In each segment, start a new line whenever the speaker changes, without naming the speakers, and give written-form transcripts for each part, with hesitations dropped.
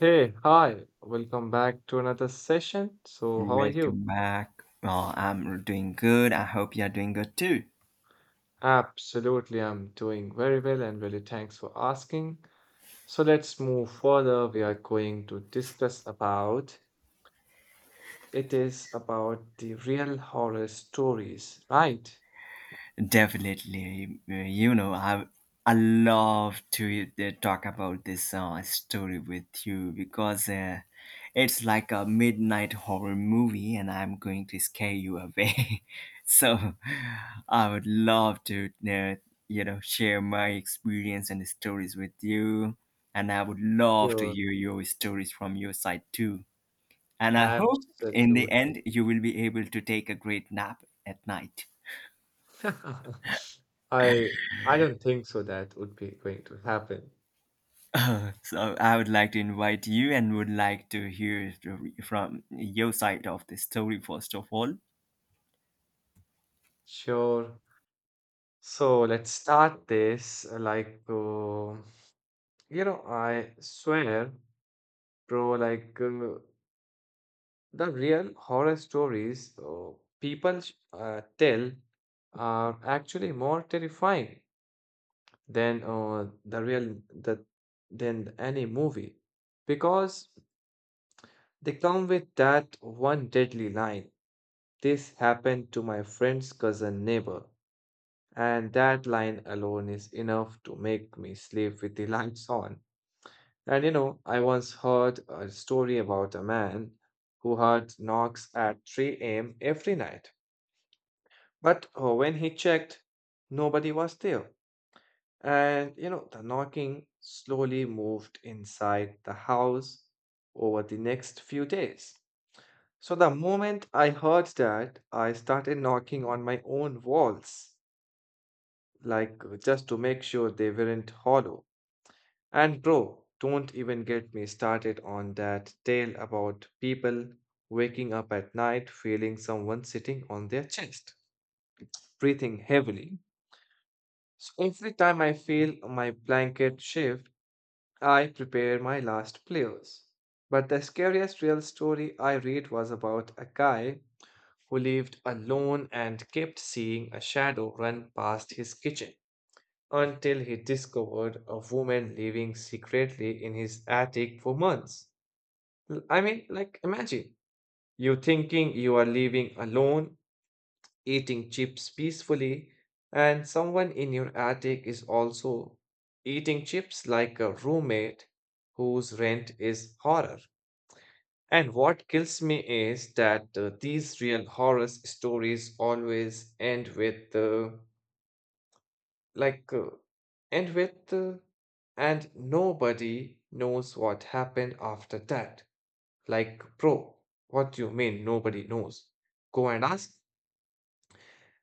Hey, hi, welcome back to another session. So, how are you?
Welcome back. I'm doing good. I hope you're doing good too.
Absolutely, I'm doing very well and really thanks for asking. So, let's move further. We are going to discuss about it is about the real horror stories, right?
Definitely. You know, I love to talk about this story with you because it's like a midnight horror movie, and I'm going to scare you away. so, I would love to share my experience and stories with you, and I would love to
Yeah,
hear your stories from your side too. And I hope in the
absolutely.
end you will be able to take a great nap at night.
I I don't think so that would be going to happen.
So I would like to invite you and would like to hear from your side of the story first of all.
Sure. So let's start this you know, I swear, bro, the real horror stories people tell are actually more terrifying than the real the than any movie because they come with that one deadly line. This happened to my friend's cousin neighbor, and that line alone is enough to make me sleep with the lights on. And you know, I once heard a story about a man who heard knocks at 3 a.m. every night. But when he checked, nobody was there. And you know, the knocking slowly moved inside the house over the next few days. So the moment I heard that, I started knocking on my own walls, just to make sure they weren't hollow. And bro, don't even get me started on that tale about people waking up at night feeling someone sitting on their chest, breathing heavily. So every time I feel my blanket shift, I prepare my last players. But the scariest real story I read was about a guy who lived alone and kept seeing a shadow run past his kitchen until he discovered a woman living secretly in his attic for months. I mean, like, imagine you thinking you are living alone, eating chips peacefully, and someone in your attic is also eating chips like a roommate whose rent is horror. And what kills me is that these real horror stories always end with, like, uh, end with, uh, and nobody knows what happened after that. Like, bro, what you mean nobody knows? Go and ask.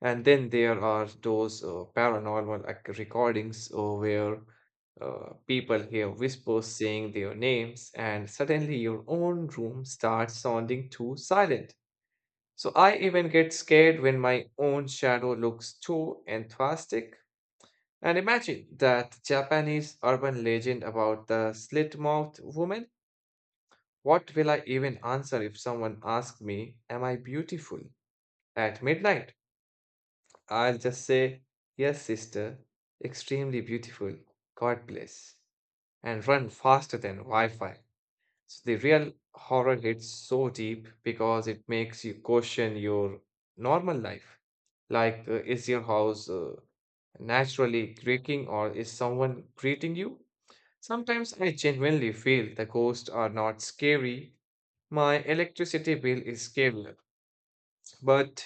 And then there are those recordings where people hear whispers saying their names, and suddenly your own room starts sounding too silent. So I even get scared when my own shadow looks too enthusiastic. And imagine that Japanese urban legend about the slit mouthed woman. What will I even answer if someone asks me, am I beautiful? At midnight, I'll just say, yes, sister, extremely beautiful. God bless. And run faster than Wi Fi. So the real horror hits so deep because it makes you question your normal life. Like, is your house naturally creaking or is someone greeting you? Sometimes I genuinely feel the ghosts are not scary, my electricity bill is scary, but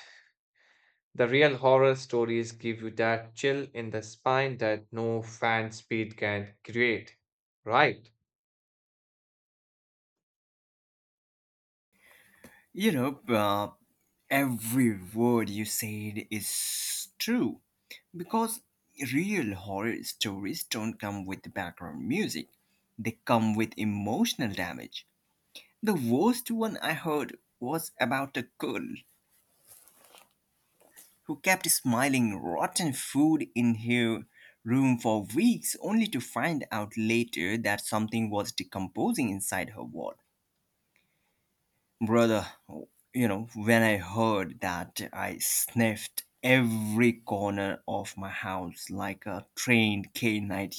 the real horror stories give you that chill in the spine that no fan speed can create. Right?
You know, uh, every word you said is true because real horror stories don't come with background music. They come with emotional damage. The worst one I heard was about a girl who kept smiling rotten food in her room for weeks only to find out later that something was decomposing inside her wall. Brother, you know, when I heard that, I sniffed every corner of my house like a trained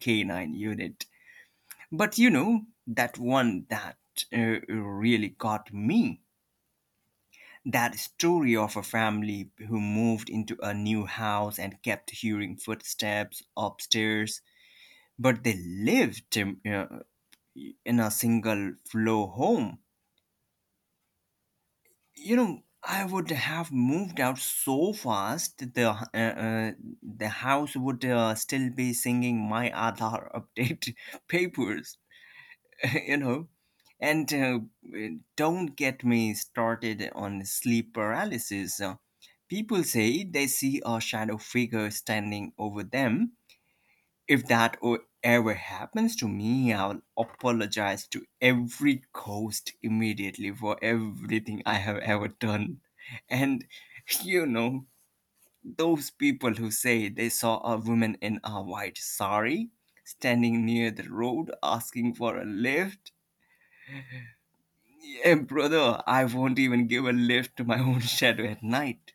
canine unit. But you know, that one that really got me, that story of a family who moved into a new house and kept hearing footsteps upstairs, but they lived in a single floor home. You know, I would have moved out so fast that the house would still be singing my Aadhaar update papers. you know and Don't get me started on sleep paralysis. People say they see a shadow figure standing over them. If that ever happens to me, I'll apologize to every ghost immediately for everything I have ever done. And you know those people who say they saw a woman in a white sari standing near the road asking for a lift. Yeah, brother, I won't even give a lift to my own shadow at night.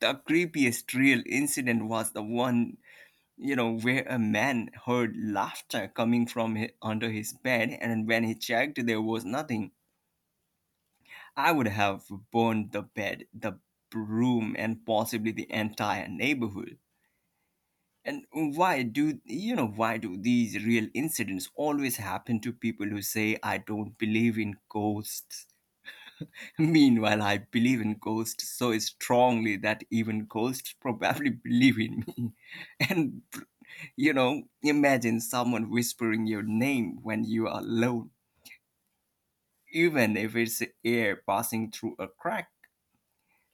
The creepiest real incident was the one, you know, where a man heard laughter coming from under his bed, and when he checked, there was nothing. I would have burned the bed, the room, and possibly the entire neighborhood. And why do these real incidents always happen to people who say I don't believe in ghosts? Meanwhile, I believe in ghosts so strongly that even ghosts probably believe in me. And, you know, imagine someone whispering your name when you are alone, even if it's air passing through a crack.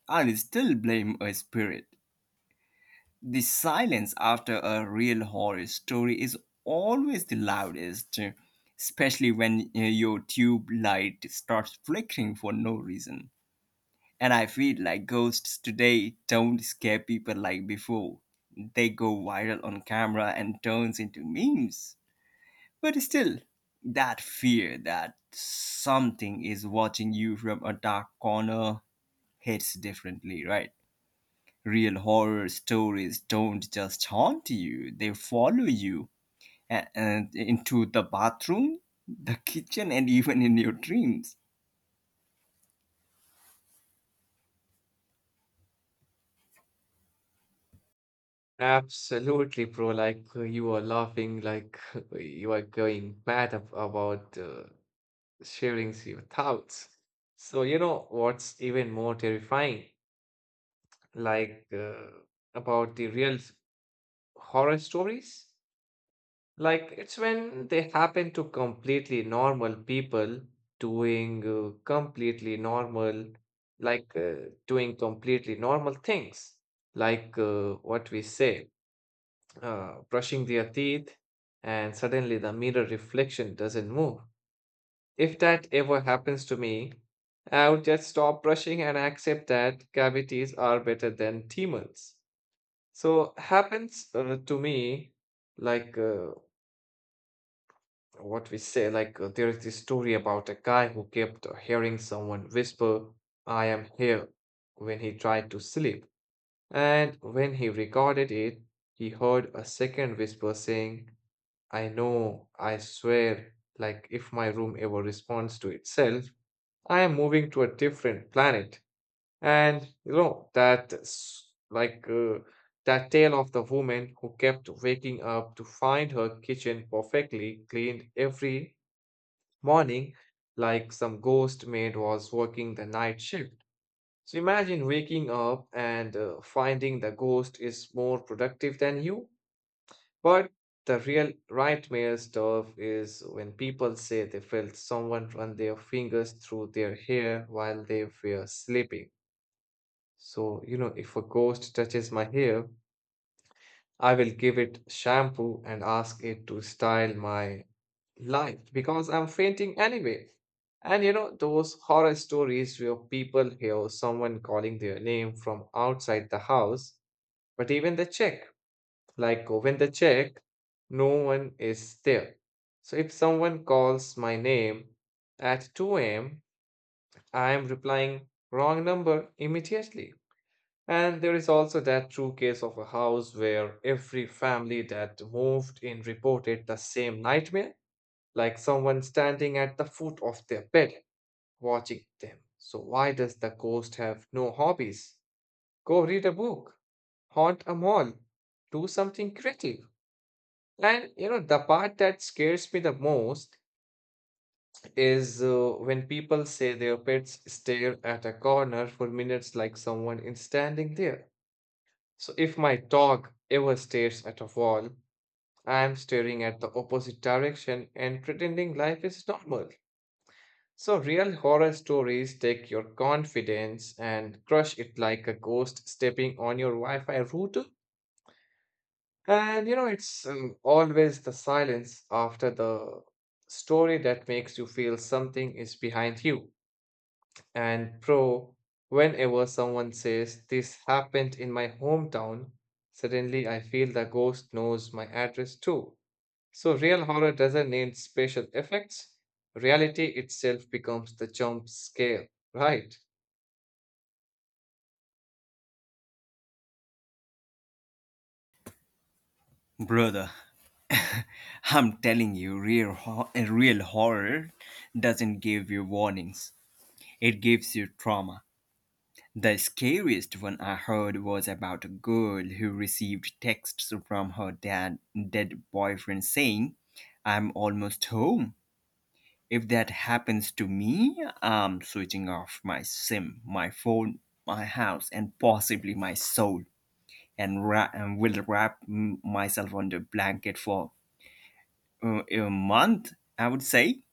I'll still blame a spirit. The silence after a real horror story is always the loudest, especially when your tube light starts flickering for no reason. And I feel like ghosts today don't scare people like before. They go viral on camera and turns into memes. But still, that fear that something is watching you from a dark corner hits differently, right? Real horror stories don't just haunt you, they follow you and into the bathroom, the kitchen, and even in your dreams.
Absolutely, bro. You are laughing, like you are going mad about sharing your thoughts. So, you know what's even more terrifying? Like uh, about the real horror stories? Like it's when they happen to completely normal people doing completely normal, doing completely normal things, what we say, brushing their teeth, and suddenly the mirror reflection doesn't move. If that ever happens to me, I would just stop brushing and accept that cavities are better than demons. So happens to me like. Uh, what we say, there is this story about a guy who kept hearing someone whisper, I am here, when he tried to sleep. And when he recorded it, he heard a second whisper saying, I know, I swear, like if my room ever responds to itself, I am moving to a different planet. And you know, that s- like that tale of the woman who kept waking up to find her kitchen perfectly cleaned every morning, like some ghost maid was working the night shift. So imagine waking up and finding the ghost is more productive than you. But the real nightmare stuff is when people say they felt someone run their fingers through their hair while they were sleeping. So, you know, if a ghost touches my hair, I will give it shampoo and ask it to style my life because I'm fainting anyway. And you know, those horror stories where people hear someone calling their name from outside the house, but even the check, like when the check, no one is there. So if someone calls my name at 2 a.m., I am replying wrong number immediately. And there is also that true case of a house where every family that moved in reported the same nightmare like someone standing at the foot of their bed watching them. So, why does the ghost have no hobbies? Go read a book, haunt a mall, do something creative. And you know, the part that scares me the most is when people say their pets stare at a corner for minutes like someone is standing there. So, if my dog ever stares at a wall, I am staring at the opposite direction and pretending life is normal. So, real horror stories take your confidence and crush it like a ghost stepping on your Wi Fi router. And you know, it's always the silence after the story that makes you feel something is behind you. And, pro, whenever someone says, this happened in my hometown, suddenly I feel the ghost knows my address too. So, real horror doesn't need special effects. Reality itself becomes the jump scare, right?
Brother, I'm telling you, a real horror doesn't give you warnings. It gives you trauma. The scariest one I heard was about a girl who received texts from her dad dead boyfriend saying, "I'm almost home. If that happens to me, I'm switching off my sim, my phone, my house, and possibly my soul, and and will wrap myself under a blanket for a month." I would say.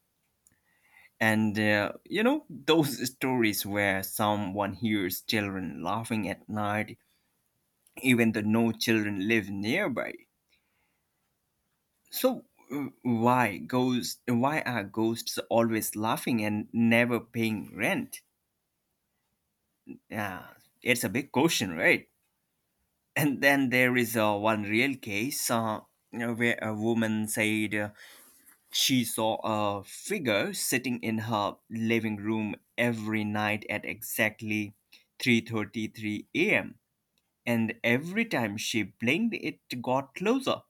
And you know, those stories where someone hears children laughing at night, even though no children live nearby. So, why ghosts? Why are ghosts always laughing and never paying rent? Yeah, it's a big question, right? And then there is one real case, you know, where a woman said. She saw a figure sitting in her living room every night at exactly 3:33 a.m., and every time she blinked it got closer.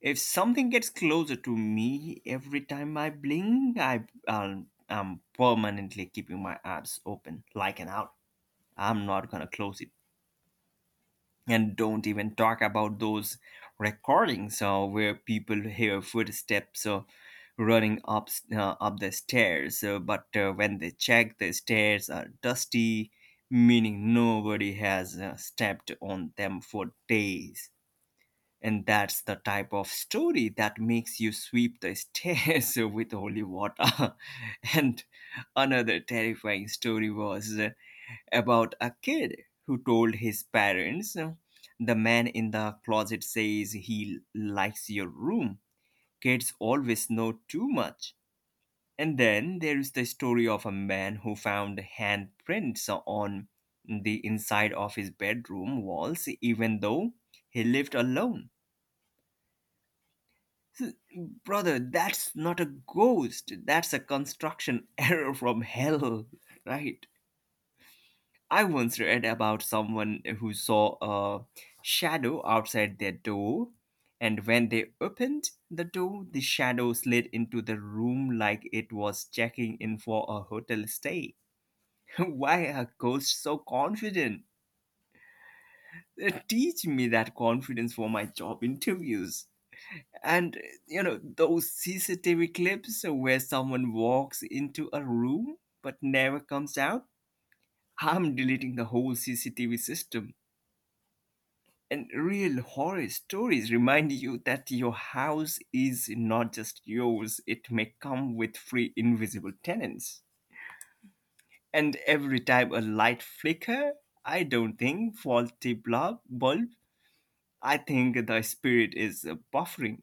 If something gets closer to me every time I blink, I'm permanently keeping my eyes open like an owl. I'm not going to close it. And don't even talk about those recordings where people hear footsteps running up the stairs, but when they check, the stairs are dusty, meaning nobody has stepped on them for days. And that's the type of story that makes you sweep the stairs with holy water. And another terrifying story was about a kid who told his parents, "The man in the closet says he likes your room." Kids always know too much. And then there is the story of a man who found handprints on the inside of his bedroom walls, even though he lived alone. S- Brother, that's not a ghost. That's a construction error from hell, right? I once read about someone who saw a shadow outside their door, and when they opened the door, the shadow slid into the room like it was checking in for a hotel stay. Why are ghosts so confident? Teach me that confidence for my job interviews. And you know, those CCTV clips where someone walks into a room but never comes out, I'm deleting the whole CCTV system. And real horror stories remind you that your house is not just yours, it may come with free invisible tenants. And every time a light flicker, I don't think faulty bulb. I think the spirit is buffering.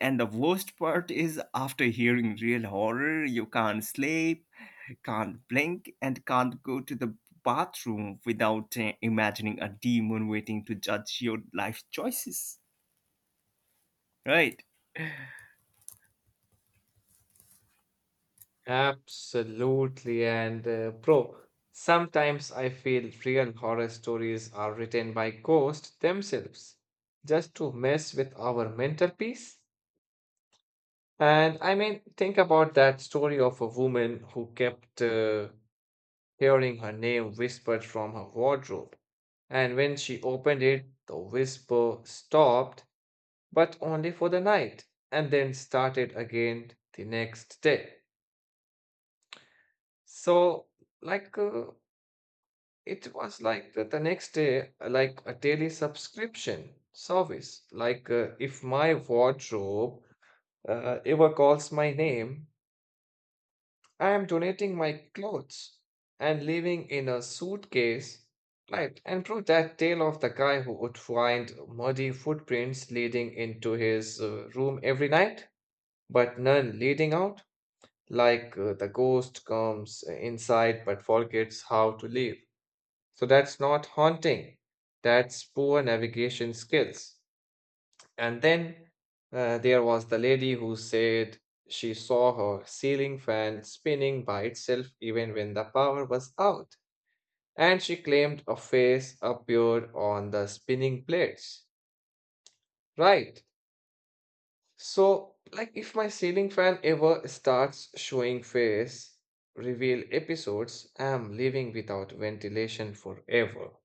And the worst part is after hearing real horror, you can't sleep, can't blink, and can't go to the bathroom without imagining a demon waiting to judge your life choices. Right.
Absolutely. And, bro, sometimes I feel real horror stories are written by ghosts themselves just to mess with our mental peace. And I mean, think about that story of a woman who kept hearing her name whispered from her wardrobe. And when she opened it, the whisper stopped but only for the night and then started again the next day, so, like uh, it was like the next day like a daily subscription service. If my wardrobe ever calls my name, I am donating my clothes and leaving in a suitcase. Right. And prove that tale of the guy who would find muddy footprints leading into his room every night but none leading out, the ghost comes inside but forgets how to leave. So that's not haunting, that's poor navigation skills. And then there was the lady who said she saw her ceiling fan spinning by itself even when the power was out. And she claimed a face appeared on the spinning plates. Right. So, like, if my ceiling fan ever starts showing face, reveal episodes, I'm living without ventilation forever.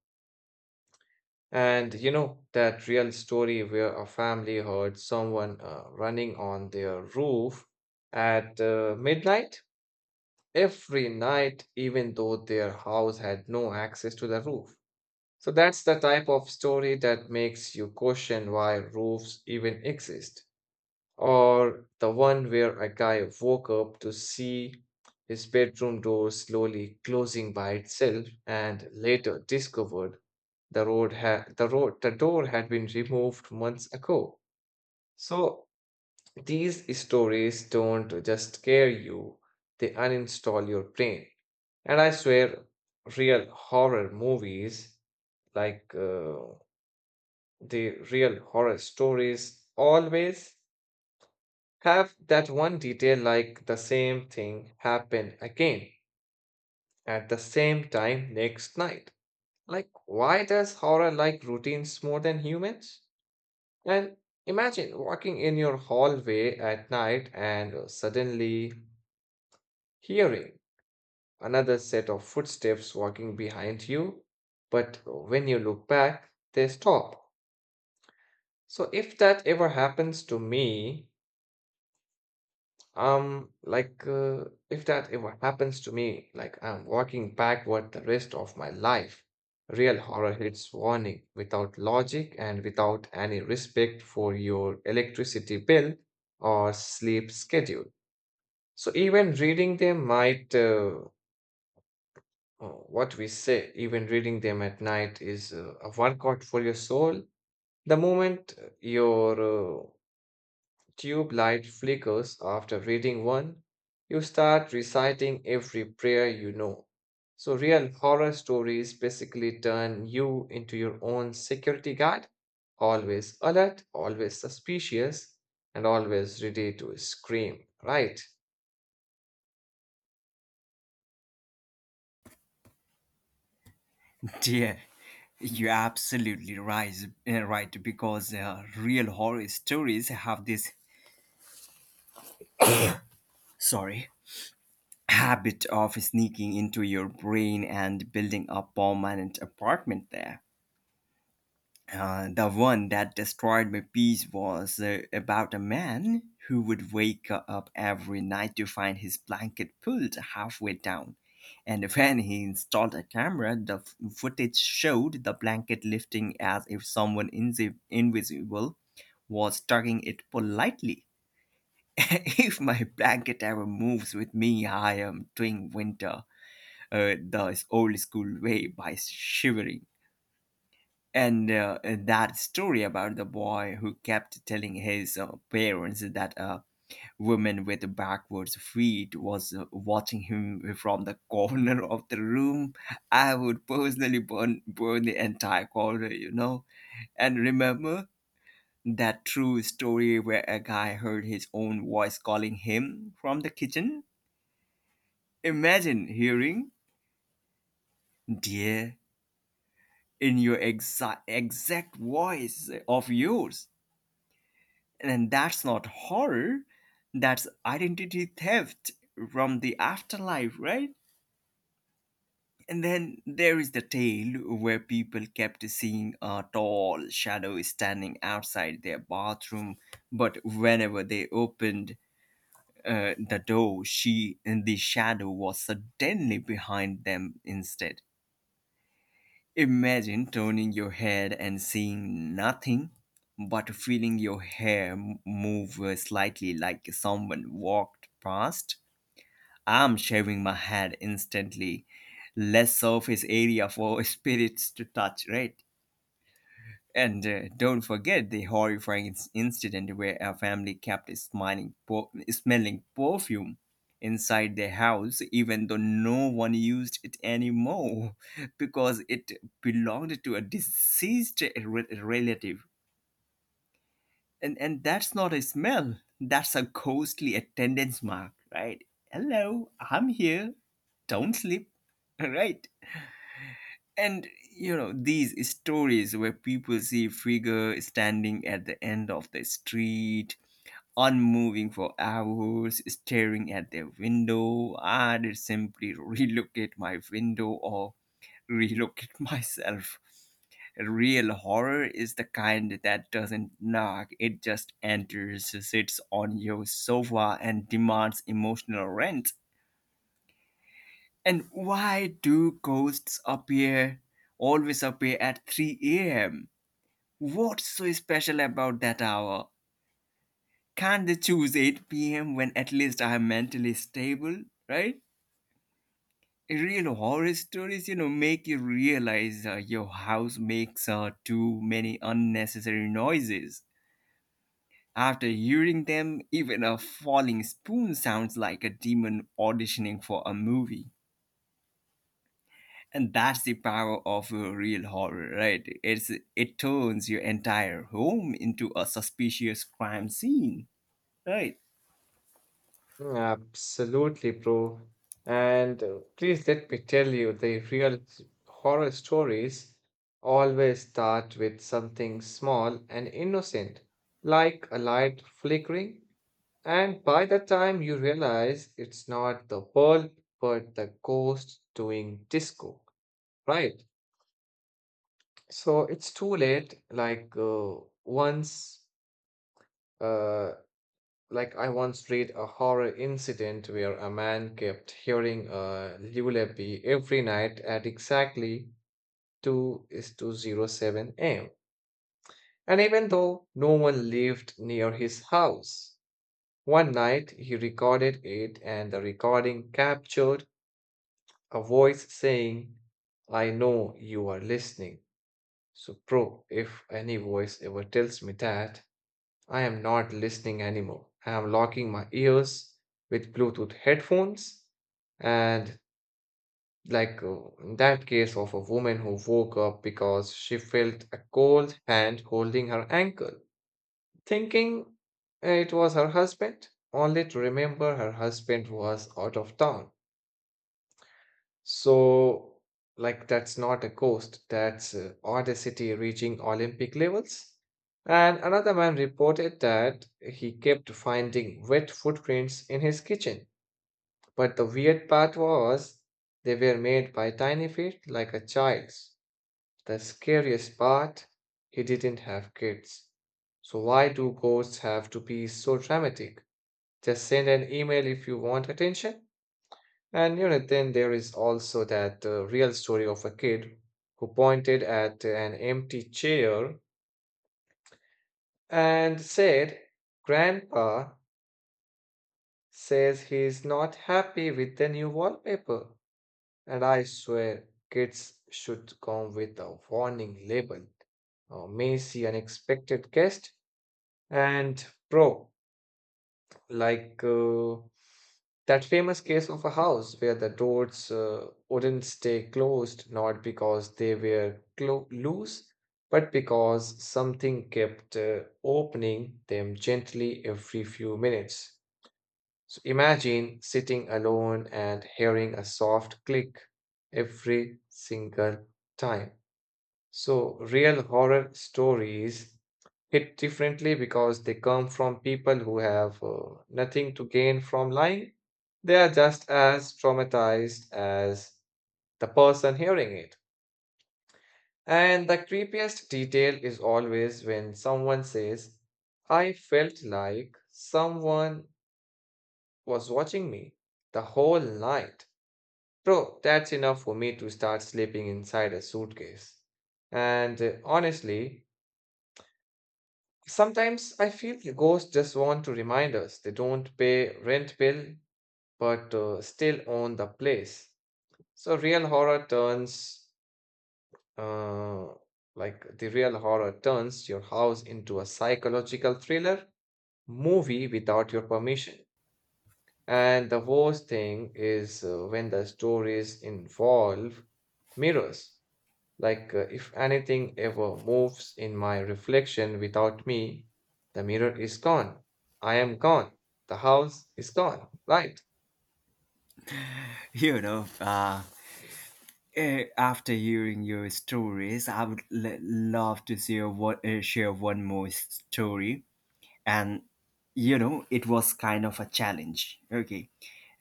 And you know, that real story where a family heard someone running on their roof at midnight every night, even though their house had no access to the roof. So, that's the type of story that makes you question why roofs even exist, or the one where a guy woke up to see his bedroom door slowly closing by itself and later discovered the road had the road the door had been removed months ago. So these stories don't just scare you, they uninstall your brain. And I swear, real horror movies, like uh, the real horror stories always have that one detail like the same thing happen again at the same time next night. Like, why does horror like routines more than humans? And imagine walking in your hallway at night and suddenly hearing another set of footsteps walking behind you, but when you look back, they stop. So, if that ever happens to me, like if that ever happens to me, like I'm walking backward the rest of my life. Real horror hits warning without logic and without any respect for your electricity bill or sleep schedule. So even reading them might, what we say, even reading them at night is a workout for your soul. The moment your tube light flickers after reading one, you start reciting every prayer you know. So, real horror stories basically turn you into your own security guard, always alert, always suspicious, and always ready to scream, right?
Dear, you're absolutely right. Right, because real horror stories have this sorry habit of sneaking into your brain and building a permanent apartment there. The one that destroyed my peace was about a man who would wake up every night to find his blanket pulled halfway down. And when he installed a camera, the footage showed the blanket lifting as if someone invisible was tugging it politely. If my blanket ever moves with me, I am doing winter the old school way by shivering. And that story about the boy who kept telling his parents that a woman with backwards feet was watching him from the corner of the room, I would personally burn the entire corner, you know. And remember that true story where a guy heard his own voice calling him from the kitchen. Imagine hearing "dear" in your exact voice of yours. And that's not horror, that's identity theft from the afterlife, right? And then there is the tale where people kept seeing a tall shadow standing outside their bathroom, but whenever they opened the door, she and the shadow was suddenly behind them instead. Imagine turning your head and seeing nothing, but feeling your hair move slightly like someone walked past. I'm shaving my head instantly. Less surface area for spirits to touch, right? And don't forget the horrifying incident where a family kept smelling perfume inside their house, even though no one used it anymore because it belonged to a deceased relative. And that's not a smell, that's a ghostly attendance mark, right? Hello, I'm here. Don't sleep. Right? And you know, these stories where people see figure standing at the end of the street, unmoving for hours, staring at their window, I did simply relocate my window or relocate myself. Real horror is the kind that doesn't knock, it just enters, sits on your sofa, and demands emotional rent. And why do ghosts appear always appear at 3 a.m.? What's so special about that hour? Can't they choose 8 p.m. when at least I am mentally stable, right? Real horror stories, you know, make you realize your house makes too many unnecessary noises. After hearing them, even a falling spoon sounds like a demon auditioning for a movie. And that's the power of real horror, right? It turns your entire home into a suspicious crime scene, right?
Mm, absolutely, bro. And please let me tell you, the real horror stories always start with something small and innocent, like a light flickering. And by the time you realize it's not the bulb, but the ghost doing disco, right? So it's too late. Once, uh, Like, I once read a horror incident where a man kept hearing a lullaby every night at exactly 2 is 2:07 a.m. And even though no one lived near his house, one night he recorded it and the recording captured a voice saying, I know you are listening. So, bro, if any voice ever tells me that, I am not listening anymore. I am locking my ears with Bluetooth headphones. And, in that case of a woman who woke up because she felt a cold hand holding her ankle, thinking it was her husband, only to remember her husband was out of town. So, like, that's not a coast, that's audacity reaching Olympic levels. And another man reported that he kept finding wet footprints in his kitchen. But the weird part was they were made by tiny feet like a child's. The scariest part, he didn't have kids. So, why do ghosts have to be so dramatic? Just send an email if you want attention. And you know, then there is also that real story of a kid who pointed at an empty chair and said, Grandpa says he's not happy with the new wallpaper. And I swear, kids should come with a warning label. May see unexpected guest. And pro, like uh, that famous case of a house where the doors wouldn't stay closed, not because they were loose, but because something kept opening them gently every few minutes. So imagine sitting alone and hearing a soft click every single time. So, real horror stories hit differently because they come from people who have nothing to gain from lying, they are just as traumatized as the person hearing it. And the creepiest detail is always when someone says, I felt like someone was watching me the whole night. Bro, that's enough for me to start sleeping inside a suitcase. And honestly, sometimes I feel the ghosts just want to remind us they don't pay rent bill but still own the place. So real horror turns uh, your house into a psychological thriller movie without your permission. And the worst thing is when the stories involve mirrors. Like, if anything ever moves in my reflection without me, the mirror is gone. I am gone. The house is gone. Right.
You know, uh, After hearing your stories, I would love to share one more story. And, you know, it was kind of a challenge. Okay.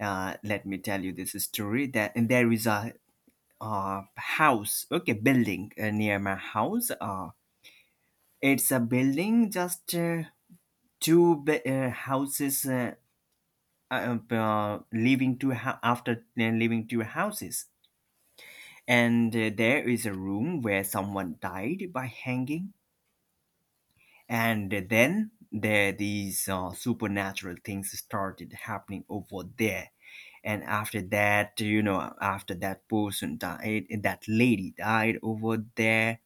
Let me tell you this story. That and There is a building near my house. It's a building just two be- houses leaving two hou- after leaving two houses. And there is a room where someone died by hanging, and then there these supernatural things started happening over there. And after that, you know, after that person died, that lady died over there.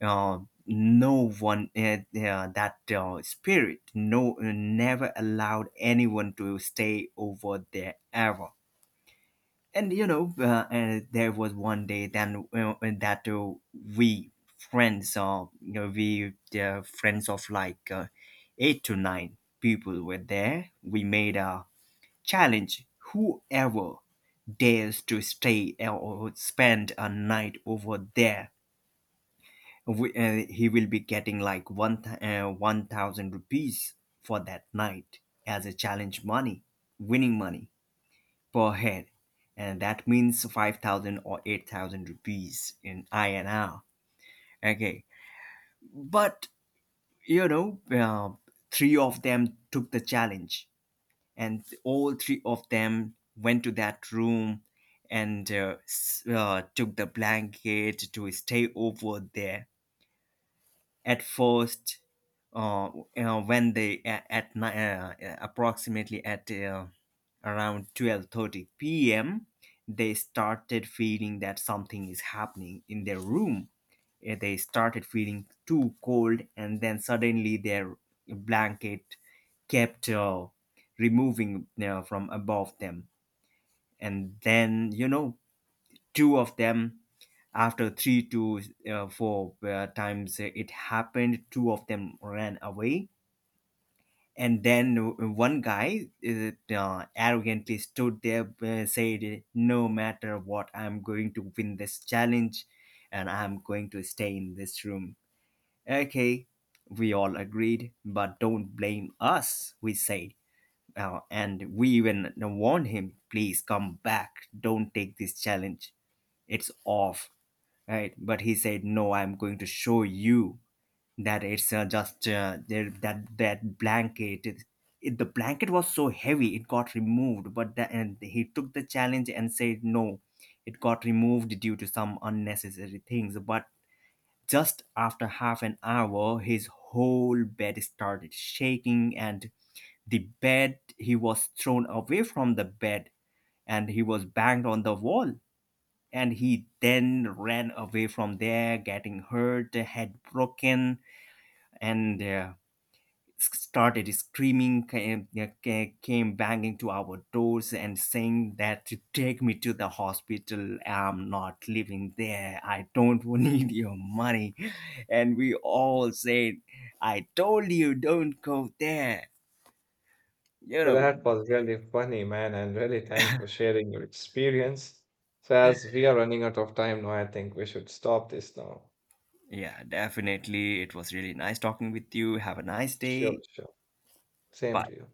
uh, no one, that spirit, never allowed anyone to stay over there ever. And you know, and there was one day then, that we friends, you know we friends of like eight to nine people were there. We made a challenge: whoever dares to stay or spend a night over there, he will be getting like 1,000 rupees for that night as a challenge money, winning money per head, and that means 5,000 or 8,000 rupees in INR. Okay. But you know, three of them took the challenge, and all three of them went to that room and took the blanket to stay over there. At first, uh, you know, when they a- at ni- approximately at around 12:30 p.m., they started feeling that something is happening in their room. They started feeling too cold, and then suddenly their blanket kept removing from above them. And then you know, two of them, after three to four times it happened, two of them ran away. And then one guy arrogantly stood there, said, "No matter what, I'm going to win this challenge, and I'm going to stay in this room." Okay, we all agreed, but don't blame us, we said, and we even warned him, "Please come back, don't take this challenge, it's off." Right? But he said, "No, I'm going to show you that it's just there that that blanket, the blanket was so heavy it got removed." But the, and he took the challenge and said, "No, it got removed due to some unnecessary things." But just after half an hour, his whole bed started shaking, and the bed he was thrown away from the bed, and he was banged on the wall. And he then ran away from there, getting hurt, head broken, and started screaming, came, yeah, came banging to our doors and saying that, to "take me to the hospital. I'm not living there. I don't need your money." And we all said, "I told you don't go there. You
So
know."
that was really funny, man, and really thanks for sharing your experience. So, as we are running out of time now, I think we should stop this now.
Yeah, definitely. It was really nice talking with you. Have a nice
Sure,
day.
sure. Same to
Bye.
you.